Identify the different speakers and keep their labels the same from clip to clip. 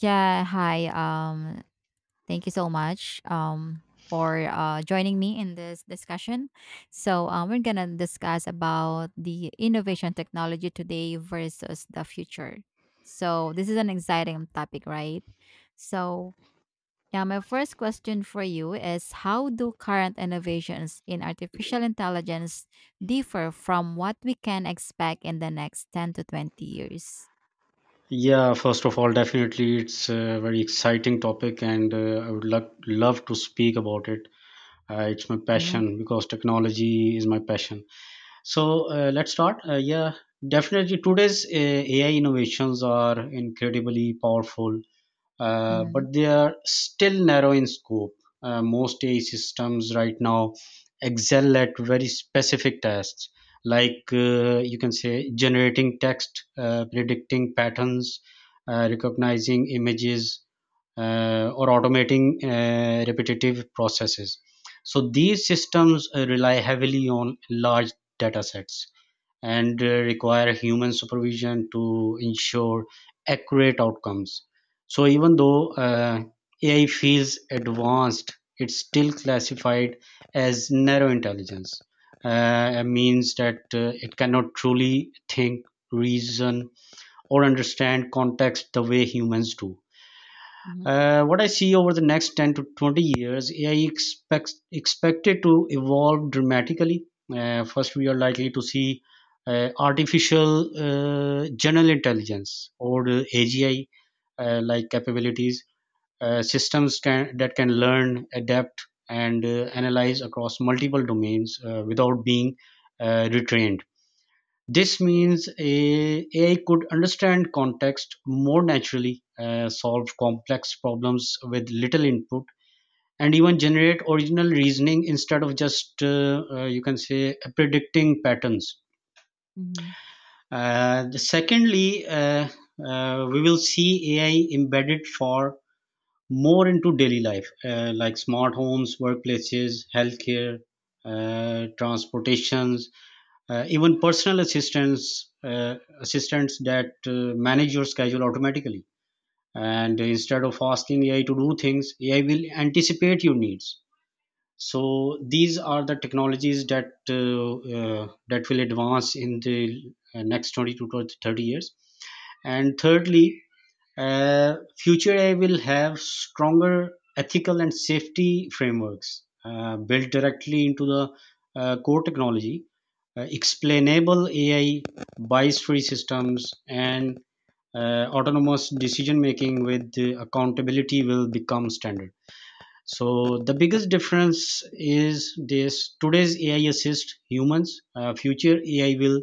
Speaker 1: Yeah, hi. Thank you so much for joining me in this discussion. So, we're gonna discuss about the innovation technology today versus the future. So, this is an exciting topic, right? So, yeah, my first question for you is how do current innovations in artificial intelligence differ from what we can expect in the next 10 to 20 years?
Speaker 2: Yeah, first of all, definitely it's a very exciting topic, and I would love to speak about it. It's my
Speaker 1: Mm-hmm.
Speaker 2: passion because technology is my passion. So let's start. Yeah, Definitely today's AI innovations are incredibly powerful,
Speaker 1: Mm-hmm.
Speaker 2: but they are still narrow in scope. Most AI systems right now excel at very specific tasks, like you can say generating text, predicting patterns, recognizing images, or automating repetitive processes. So these systems rely heavily on large data sets and require human supervision to ensure accurate outcomes. So, even though AI feels advanced, it's still classified as narrow intelligence. It means that it cannot truly think, reason, or understand context the way humans do.
Speaker 1: Mm-hmm.
Speaker 2: What I see over the next 10 to 20 years, AI expects expected to evolve dramatically. First, we are likely to see artificial general intelligence or the AGI, like capabilities, that can learn, adapt, and analyze across multiple domains without being retrained. This means a AI could understand context more naturally, solve complex problems with little input, and even generate original reasoning instead of just, you can say, predicting patterns.
Speaker 1: Mm-hmm.
Speaker 2: Secondly, we will see AI embedded for more into daily life, like smart homes, workplaces, healthcare, transportations, even personal assistants assistants that manage your schedule automatically, and instead of asking AI to do things, AI will anticipate your needs. So these are the technologies that that will advance in the next 20 to 30 years. And thirdly, uh, future AI will have stronger ethical and safety frameworks built directly into the core technology. Explainable AI, bias free systems, and autonomous decision making with accountability will become standard. So the biggest difference is this: today's AI assists humans, future AI will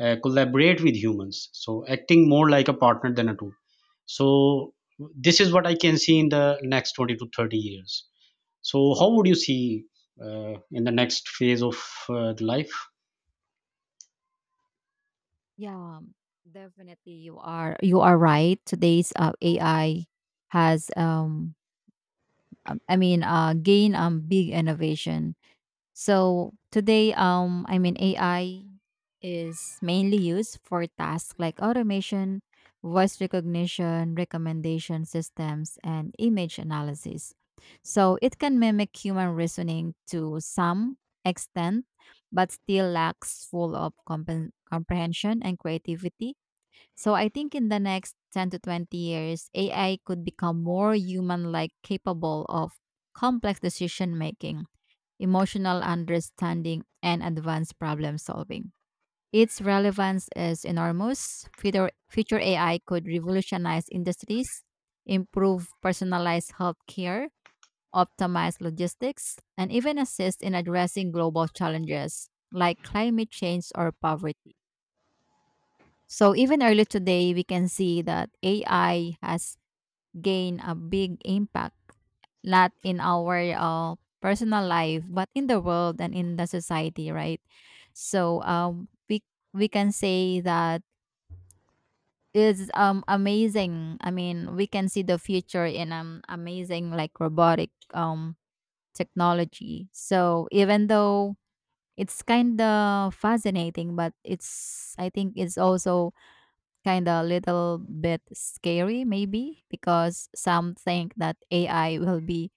Speaker 2: collaborate with humans, so acting more like a partner than a tool. So this is what I can see in the next 20 to 30 years. So how would you see in the next phase of the life?
Speaker 1: Yeah, definitely you are right. Today's AI has I mean gain big innovation. So today I mean AI is mainly used for tasks like automation, voice recognition, recommendation systems, and image analysis. So it can mimic human reasoning to some extent, but still lacks full of comprehension and creativity. So I think in the next 10 to 20 years, AI could become more human like, capable of complex decision making, emotional understanding, and advanced problem solving. Its relevance is enormous. Future AI could revolutionize industries, improve personalized healthcare, optimize logistics, and even assist in addressing global challenges like climate change or poverty. So even early today, we can see that AI has gained a big impact, not in our personal life, but in the world and in the society, right? So we can say that is amazing. I mean, we can see the future in amazing like robotic technology. So even though it's kind of fascinating, but it's I think it's also kind of little bit scary maybe because some think that AI will be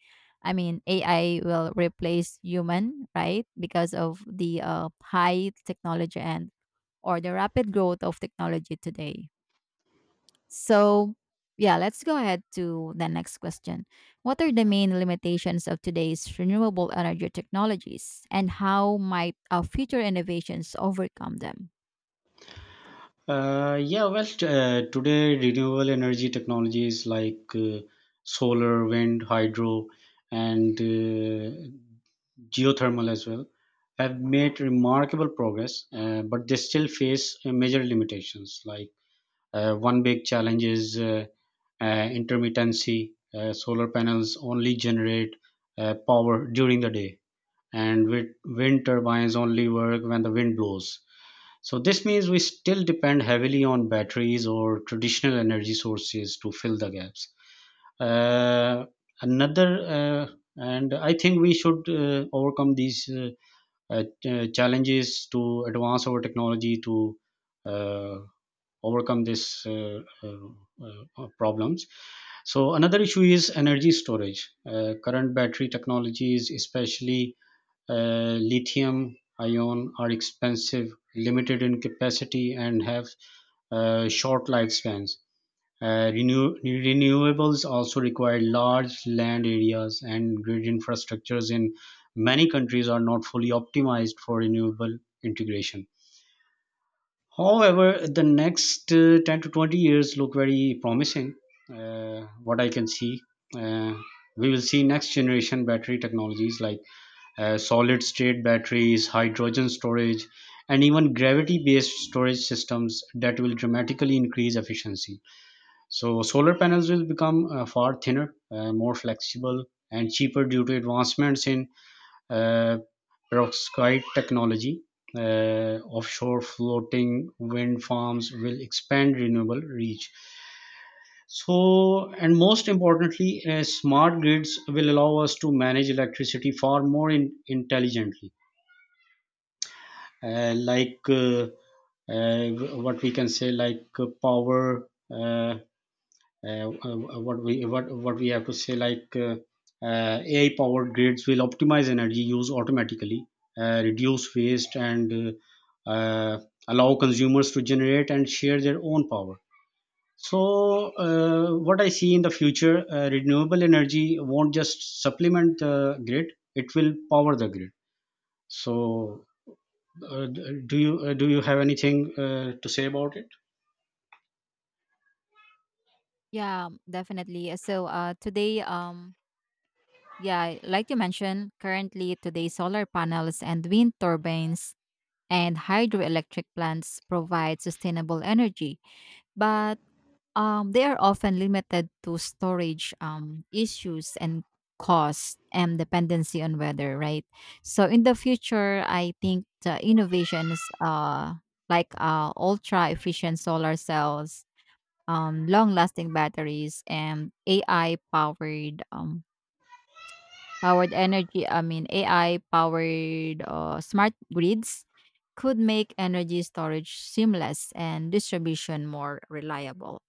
Speaker 1: I mean AI will replace human, right? Because of the high technology and or the rapid growth of technology today. So, yeah, let's go ahead to the next question. What are the main limitations of today's renewable energy technologies and how might our future innovations overcome them?
Speaker 2: Today renewable energy technologies like solar, wind, hydro, and geothermal as well have made remarkable progress, but they still face major limitations. Like one big challenge is intermittency. Solar panels only generate power during the day, and with wind turbines only work when the wind blows. So this means we still depend heavily on batteries or traditional energy sources to fill the gaps. Uh, another, uh, and I think we should overcome these challenges to advance our technology to uh, overcome this problems. So another issue is energy storage. Current battery technologies, especially lithium-ion, are expensive, limited in capacity, and have short lifespans. Renewables also require large land areas, and grid infrastructures in many countries are not fully optimized for renewable integration. However, the next 10 to 20 years look very promising, what I can see. Uh, we will see next generation battery technologies like solid state batteries, hydrogen storage, and even gravity based storage systems that will dramatically increase efficiency. So, solar panels will become far thinner, more flexible, and cheaper due to advancements in uh, perovskite technology. Offshore floating wind farms will expand renewable reach. So, and most importantly, smart grids will allow us to manage electricity far more intelligently, like uh, what we can say like power uh, what we have to say like AI powered grids will optimize energy use automatically, reduce waste, and uh, uh, allow consumers to generate and share their own power. So, what I see in the future, renewable energy won't just supplement the grid; it will power the grid. So, do you have anything to say about it?
Speaker 1: Yeah, definitely. So, today, yeah, like you mentioned, currently today solar panels and wind turbines and hydroelectric plants provide sustainable energy, but they are often limited to storage issues and cost and dependency on weather, right? So in the future, I think the innovations, like ultra efficient solar cells, long lasting batteries, and AI powered Powered energy, I mean AI powered smart grids could make energy storage seamless and distribution more reliable.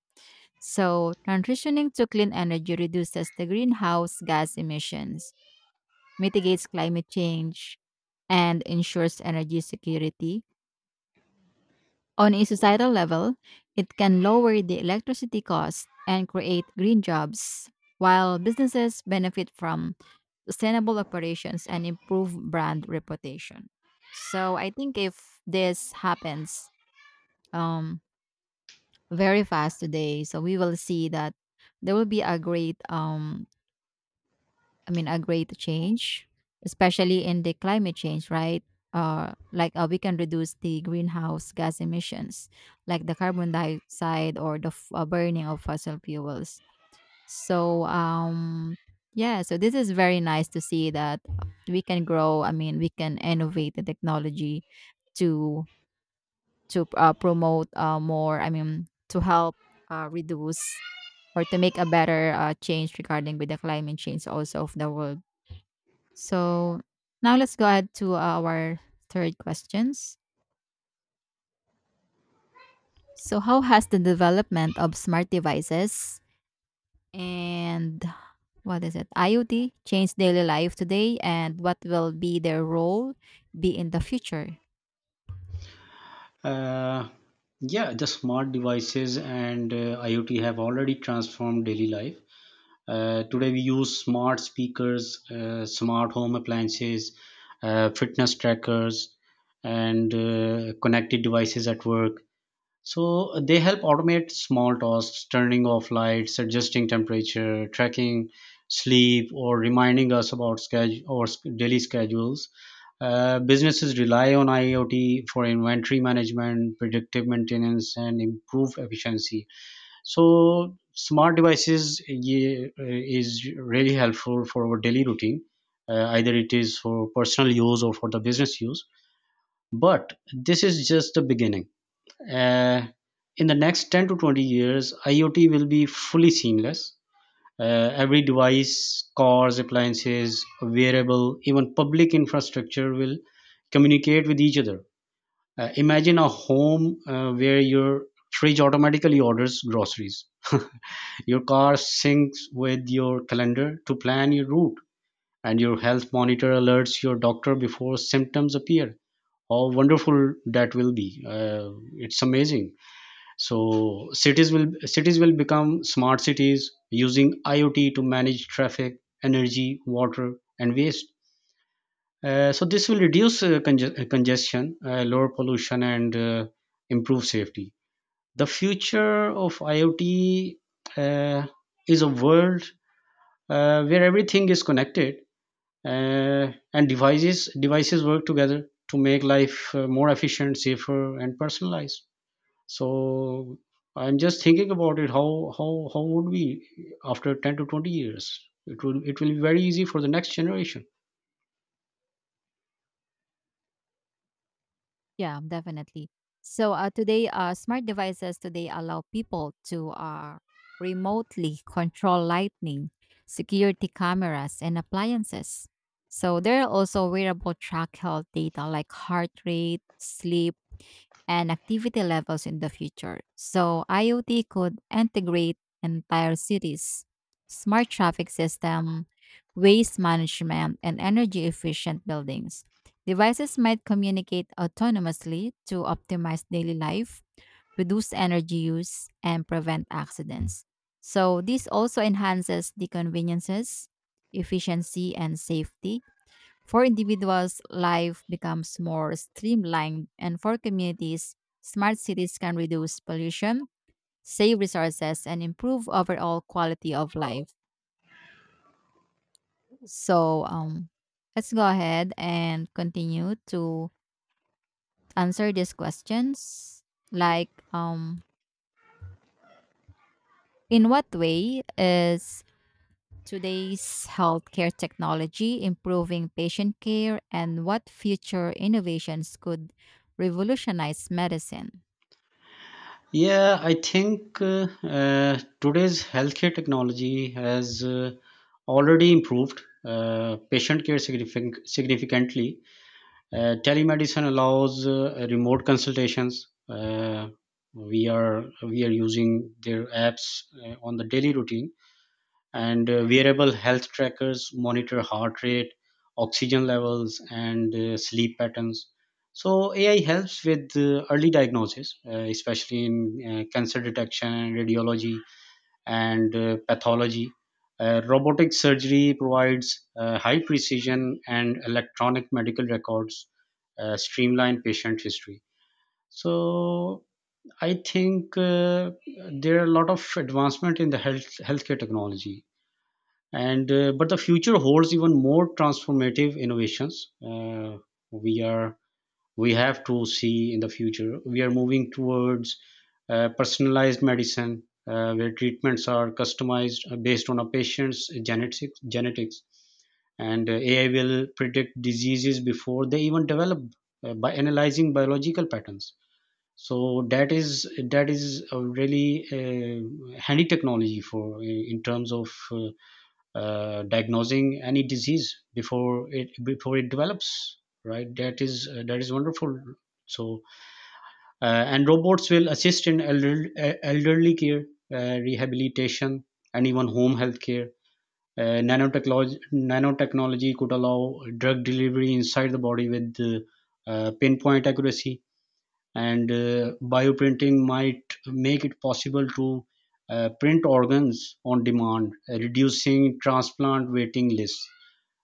Speaker 1: So, transitioning to clean energy reduces the greenhouse gas emissions, mitigates climate change, and ensures energy security. On a societal level, it can lower the electricity cost and create green jobs, while businesses benefit from sustainable operations, and improve brand reputation. So I think if this happens um, very fast today, so we will see that there will be a great, I mean, a great change, especially in the climate change, right? Like we can reduce the greenhouse gas emissions, like the carbon dioxide or the burning of fossil fuels. So yeah, so this is very nice to see that we can grow. I mean, we can innovate the technology to promote more. I mean, to help reduce or to make a better change regarding with the climate change also of the world. So now let's go ahead to our third questions. So how has the development of smart devices and what is it? IoT change daily life today and what will be their role be in the future?
Speaker 2: Uh, yeah, the smart devices and IoT have already transformed daily life. Today we use smart speakers, smart home appliances, fitness trackers, and connected devices at work. So they help automate small tasks, turning off lights, adjusting temperature, tracking sleep, or reminding us about schedule daily schedules. Businesses rely on IoT for inventory management, predictive maintenance, and improved efficiency. So, smart devices is really helpful for our daily routine. Either it is for personal use or for the business use. But this is just the beginning. Uh, in the next 10 to 20 years, IoT will be fully seamless. uh, every device, cars, appliances, wearable, even public infrastructure will communicate with each other. Imagine a home where your fridge automatically orders groceries, your car syncs with your calendar to plan your route, and your health monitor alerts your doctor before symptoms appear. How wonderful that will be! It's amazing. So cities will become smart cities using IoT to manage traffic, energy, water, and waste. So this will reduce congestion, lower pollution, and improve safety. The future of IoT uh, is a world where everything is connected, uh, and devices work together to make life more efficient, safer, and personalized. So I'm just thinking about it. How would we after 10 to 20 years? It will be very easy for the next generation.
Speaker 1: Yeah, definitely. So today, smart devices today allow people to remotely control lighting, security cameras, and appliances. So there are also wearable track health data like heart rate, sleep and activity levels in the future. So IoT could integrate entire cities, smart traffic system, waste management, and energy efficient buildings. Devices might communicate autonomously to optimize daily life, reduce energy use, and prevent accidents. So this also enhances the conveniences, efficiency, and safety for individuals, life becomes more streamlined, and for communities, smart cities can reduce pollution, save resources, and improve overall quality of life. So, let's go ahead and continue to answer these questions. Like, in what way is today's healthcare technology improving patient care, and what future innovations could revolutionize medicine?
Speaker 2: Yeah, I think today's healthcare technology has already improved patient care significantly. Telemedicine allows remote consultations. We are using their apps on the daily routine, and wearable health trackers monitor heart rate, oxygen levels, and sleep patterns. So AI helps with early diagnosis, especially in cancer detection, radiology, and pathology. Robotic surgery provides high precision, and electronic medical records streamline patient history. So I think there are a lot of advancement in the healthcare technology, and but the future holds even more transformative innovations. Uh, we are we have to see in the future we are moving towards personalized medicine where treatments are customized based on a patient's genetics, and AI will predict diseases before they even develop by analyzing biological patterns. So that is a really handy technology for in terms of diagnosing any disease before it develops, right? That is wonderful. So and robots will assist in elderly care, rehabilitation, and even home health care. Nanotechnology could allow drug delivery inside the body with pinpoint accuracy, and bioprinting might make it possible to print organs on demand, reducing transplant waiting lists.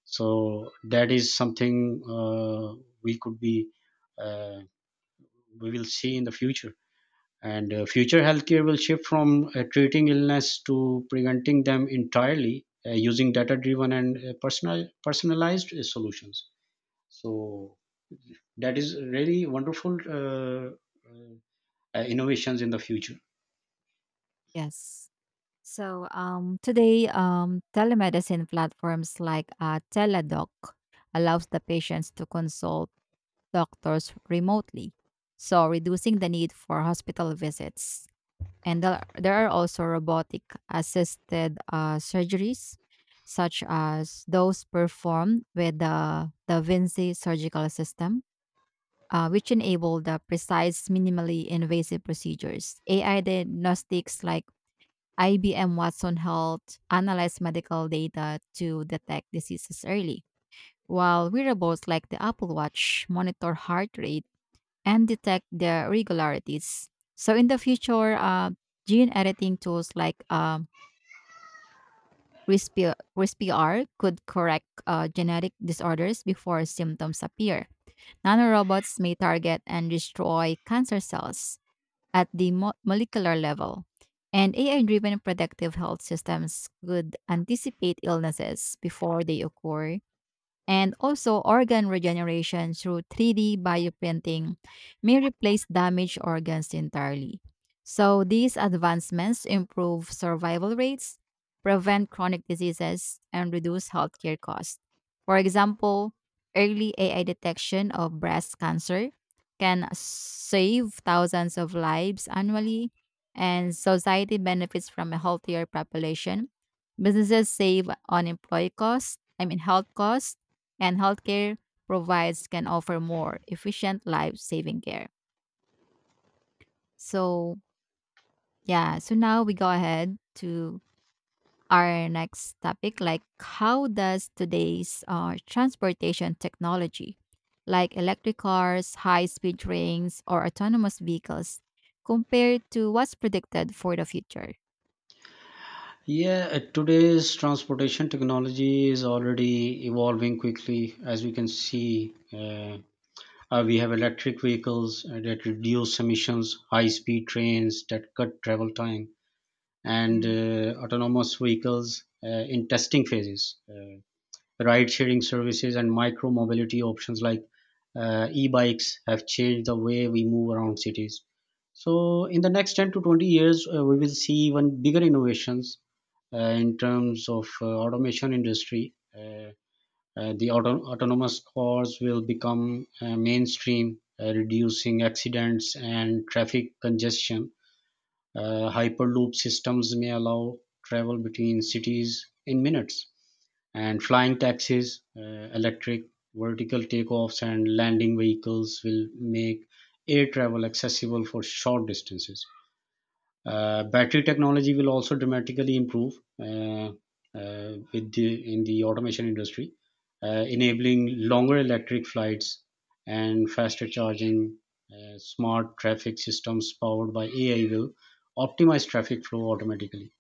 Speaker 2: So that is something we could be uh, we will see in the future. And future healthcare will shift from treating illness to preventing them entirely, using data driven and personalized solutions. So that is really wonderful, uh, innovations in the future.
Speaker 1: Yes. So today, telemedicine platforms like Teladoc allows the patients to consult doctors remotely, so reducing the need for hospital visits. And there are also robotic assisted surgeries, such as those performed with the Da Vinci surgical system, which enable the precise, minimally invasive procedures. AI diagnostics like IBM Watson Health analyze medical data to detect diseases early, while wearables like the Apple Watch monitor heart rate and detect the irregularities. So in the future, gene editing tools like CRISPR could correct genetic disorders before symptoms appear. Nanorobots may target and destroy cancer cells at the molecular level. And AI driven predictive health systems could anticipate illnesses before they occur, and also organ regeneration through 3D bioprinting may replace damaged organs entirely. So these advancements improve survival rates, prevent chronic diseases, and reduce healthcare costs. For example, early AI detection of breast cancer can save thousands of lives annually, and society benefits from a healthier population. Businesses save on employee costs, I mean health costs, and healthcare provides can offer more efficient life-saving care. So, yeah, so now we go ahead to our next topic, like how does today's transportation technology like electric cars, high-speed trains or autonomous vehicles compare to what's predicted for the future?
Speaker 2: Yeah Today's transportation technology is already evolving quickly, as we can see. We have electric vehicles that reduce emissions, high speed trains that cut travel time, and
Speaker 1: Mhm.
Speaker 2: autonomous vehicles in testing phases, ride sharing services, and micro mobility options like e bikes have changed the way we move around cities. So, in the next 10 to 20 years, we will see even bigger innovations in terms of automation industry. Autonomous cars will become mainstream, reducing accidents and traffic congestion. Hyperloop systems may allow travel between cities in minutes. And flying taxis, electric vertical takeoffs, and landing vehicles will make air travel accessible for short distances. Battery technology will also dramatically improve, in the automation industry, enabling longer electric flights and faster charging. Smart traffic systems powered by AI will optimize traffic flow automatically.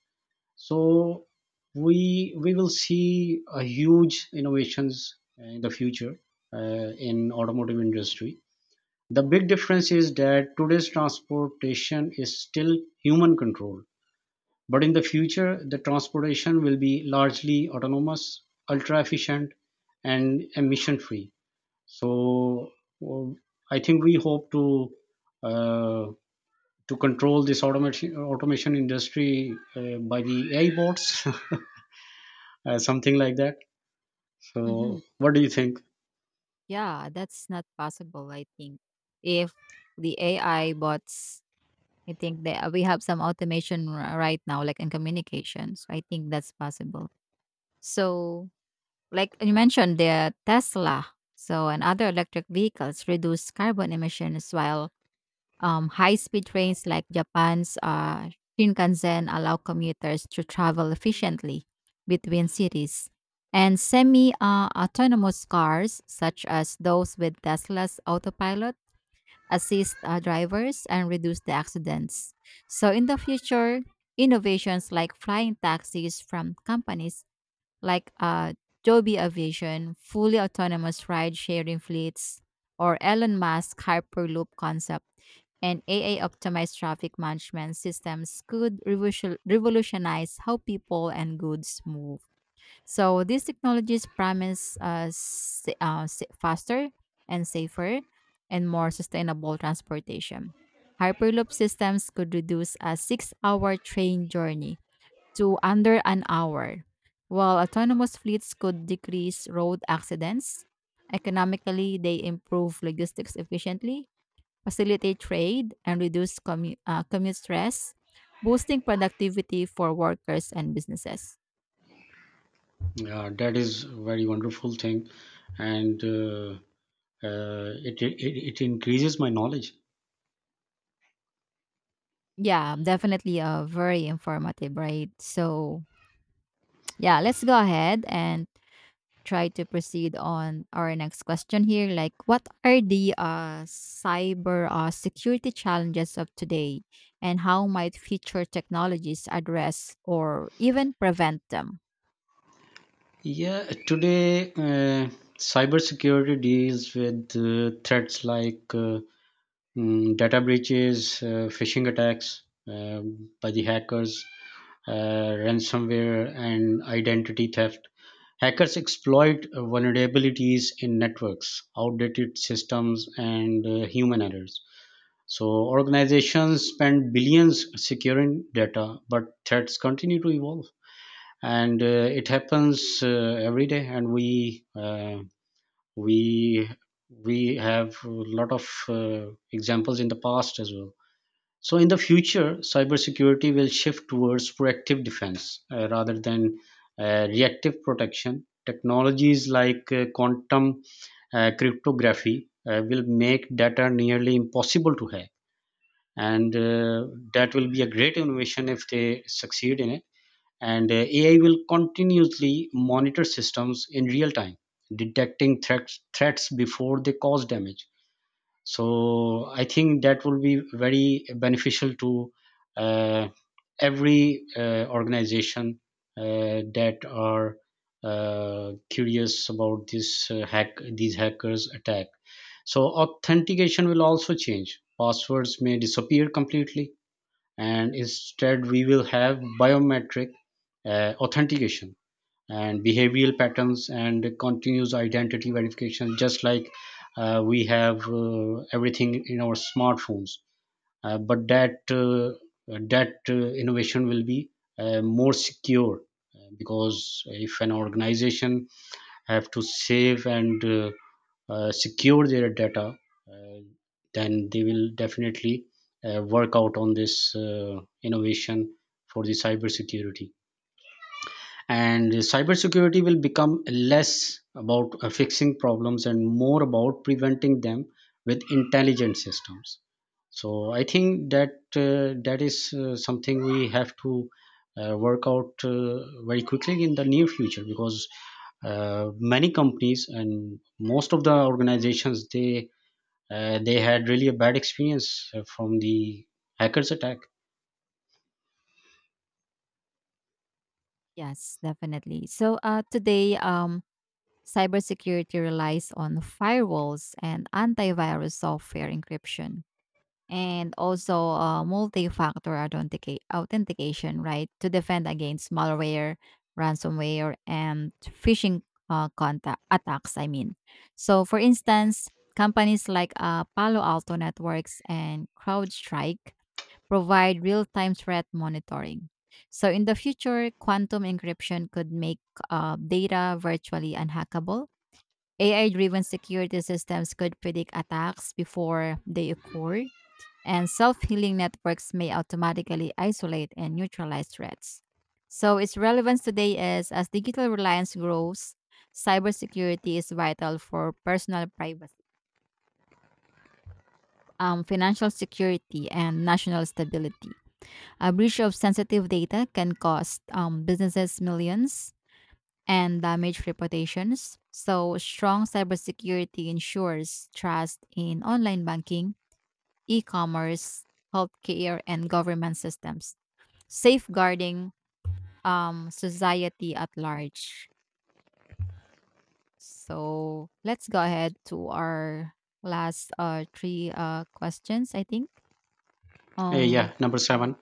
Speaker 2: So we will see a huge innovations in the future, in automotive industry. The big difference is that today's transportation is still human controlled, but in the future, the transportation will be largely autonomous, ultra-efficient, and emission-free. So w- I think we hope uh, to control this automation industry by the AI bots, something like that.
Speaker 1: Mhm.
Speaker 2: So what do you think?
Speaker 1: Yeah, that's not possible I think if the AI bots. I think that we have some automation right now, like in communications. I think that's possible. So, like you mentioned, the Tesla, so and other electric vehicles reduce carbon emissions, while high-speed trains like Japan's Shinkansen allow commuters to travel efficiently between cities. And semi-autonomous cars, such as those with Tesla's autopilot, assist drivers, and reduce the accidents. So in the future, innovations like flying taxis from companies like Joby Aviation, fully autonomous ride-sharing fleets, or Elon Musk Hyperloop concept, and AI optimized traffic management systems could revolutionize how people and goods move. So these technologies promise us faster and safer and more sustainable transportation. Hyperloop systems could reduce a 6-hour train journey to under an hour, while autonomous fleets could decrease road accidents. Economically, they improve logistics efficiently, facilitate trade, and reduce commute stress, boosting productivity for workers and businesses.
Speaker 2: Yeah, that is a very wonderful thing, and uh, it, it it increases my knowledge.
Speaker 1: Yeah, definitely very informative, right? So, yeah, let's go ahead and try to proceed on our next question here. Like, what are the cyber security challenges of today, and how might future technologies address or even prevent them?
Speaker 2: Yeah, today cybersecurity deals with threats like data breaches, phishing attacks uh, by the hackers, ransomware, and identity theft. Hackers exploit vulnerabilities in networks, outdated systems, and human errors. So, organizations spend billions securing data, but threats continue to evolve and it happens every day, and we we have a lot of examples in the past as well. So in the future, cybersecurity will shift towards proactive defense rather than reactive protection. Technologies like quantum cryptography will make data nearly impossible to hack, and that will be a great innovation if they succeed in it. And AI will continuously monitor systems in real time, detecting threats before they cause damage. So I think that will be very beneficial to uh, every organization that are curious about this hack these hackers attack. So authentication will also change. Passwords may disappear completely, and instead we will have biometric authentication and behavioral patterns and continuous identity verification, just like we have everything in our smartphones. But that that innovation will be more secure, because if an organization have to save and secure their data, uh, then they will definitely work out on this innovation for the cybersecurity. And cybersecurity will become less about fixing problems and more about preventing them with intelligent systems. So I think that that is something we have to work out very quickly in the near future, because many companies and most of the organizations, they had really a bad experience from the hackers attack.
Speaker 1: Yes, definitely. So, today, cybersecurity relies on firewalls and antivirus software encryption, and also multi-factor authentication, right, to defend against malware, ransomware, and phishing contact attacks. I mean, so for instance, companies like Palo Alto Networks and CrowdStrike provide real-time threat monitoring. So in the future, quantum encryption could make data virtually unhackable. AI-driven security systems could predict attacks before they occur, and self healing networks may automatically isolate and neutralize threats. So, its relevance today is as digital reliance grows, cybersecurity is vital for personal privacy, financial security and national stability. A breach of sensitive data can cost businesses millions and damage reputations. So, strong cybersecurity ensures trust in online banking, e commerce, healthcare, and government systems, safeguarding society at large. So let's go ahead to our last three questions, I think.
Speaker 2: Yeah,
Speaker 1: Um
Speaker 2: number 7.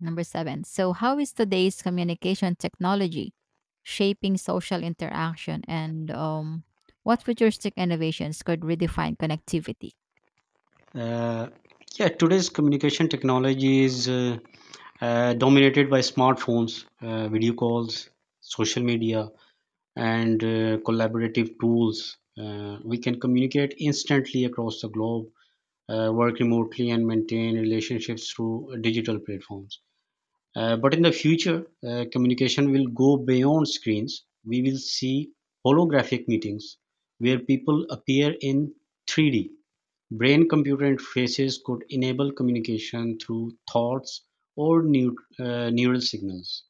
Speaker 1: number 7. So how is today's communication technology shaping social interaction, and what futuristic innovations could redefine connectivity?
Speaker 2: Uh, yeah, today's communication technology is dominated by smartphones, video calls, social media, and collaborative tools. We can communicate instantly across the globe, work remotely, and maintain relationships through digital platforms. But in the future, communication will go beyond screens. We will see holographic meetings where people appear in 3D. Brain-computer interfaces could enable communication through thoughts or neural signals.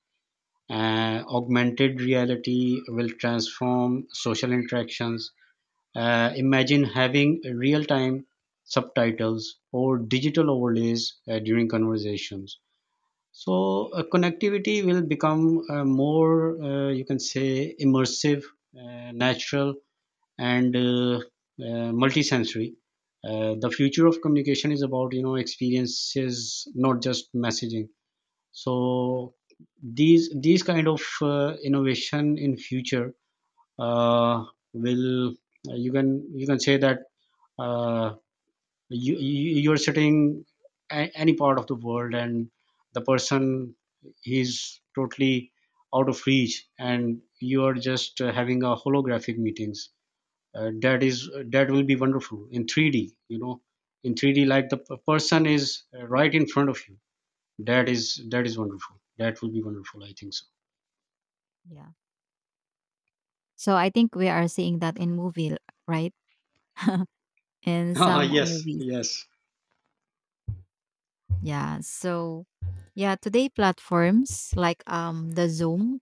Speaker 2: Augmented reality will transform social interactions. Imagine having real-time subtitles or digital overlays during conversations. So connectivity will become more, you can say, immersive, natural, and multisensory. The future of communication is about experiences, not just messaging. So these kind of innovation in future uh, will, you can say that, uh, you you're sitting any part of the world, and the person, he's totally out of reach, and you are just having a holographic meetings, that is that will be wonderful in 3D, you know, in 3D, like the person is right in front of you. That is wonderful. That will be wonderful, I think.
Speaker 1: Yeah. So I think we are seeing that in movie, right? In
Speaker 2: So
Speaker 1: some
Speaker 2: yes,
Speaker 1: movies.
Speaker 2: yes.
Speaker 1: Yeah. So, yeah, today platforms like the Zoom,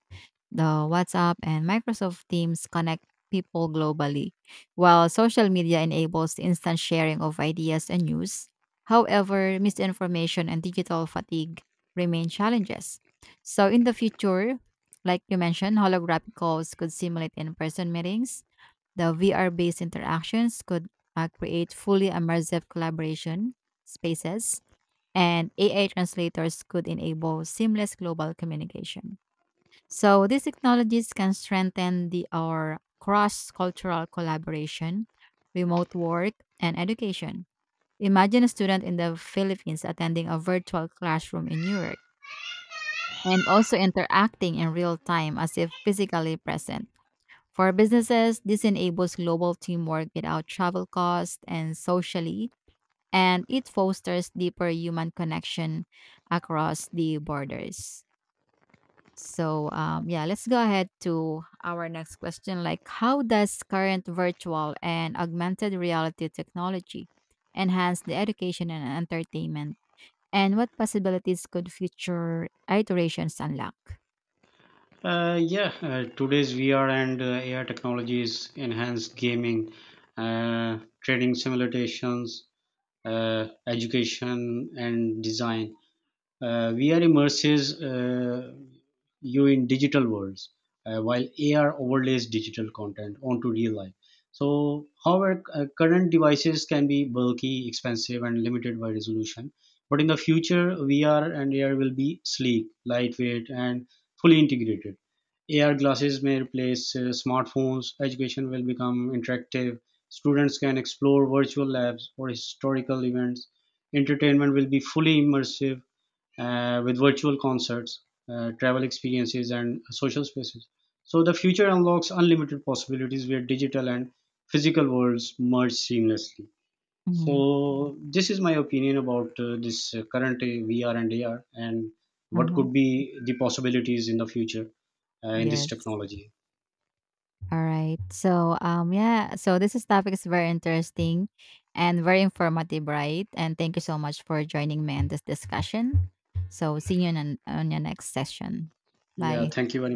Speaker 1: the WhatsApp, and Microsoft Teams connect people globally, while social media enables the instant sharing of ideas and news. However, misinformation and digital fatigue remain challenges. So, in the future, like you mentioned, holographic calls could simulate in-person meetings. The VR-based interactions could create fully immersive collaboration spaces, and AI translators could enable seamless global communication. So these technologies can strengthen the our cross-cultural collaboration, remote work, and education. Imagine a student in the Philippines attending a virtual classroom in Europe and also interacting in real time as if physically present. For businesses, this enables global teamwork without travel costs and socially and it fosters deeper human connection across the borders. So, yeah, let's go ahead to our next question. Like, how does current virtual and augmented reality technology enhance the education and entertainment? And what possibilities could future iterations unlock?
Speaker 2: Yeah, today's VR and AR technologies enhance gaming, trading simulations, education, and design. VR immerses you in digital worlds, while AR overlays digital content onto real life. So, however, current devices can be bulky, expensive, and limited by resolution. But in the future, VR and AR will be sleek, lightweight, and fully integrated. AR glasses may replace smartphones. Education will become interactive. Students can explore virtual labs or historical events. Entertainment will be fully immersive, with virtual concerts, travel experiences, and social spaces. So the future unlocks unlimited possibilities where digital and physical worlds merge seamlessly.
Speaker 1: Mm-hmm.
Speaker 2: So this is my opinion about this current VR and AR, and what
Speaker 1: Uh-huh.
Speaker 2: could be the possibilities in the future in this
Speaker 1: Yes.
Speaker 2: technology.
Speaker 1: All right. So, yeah. So this is topic is very interesting and very informative, right? And thank you so much for joining me in this discussion. So see you on your next session.
Speaker 2: Yeah,
Speaker 1: Bye.
Speaker 2: thank you very much.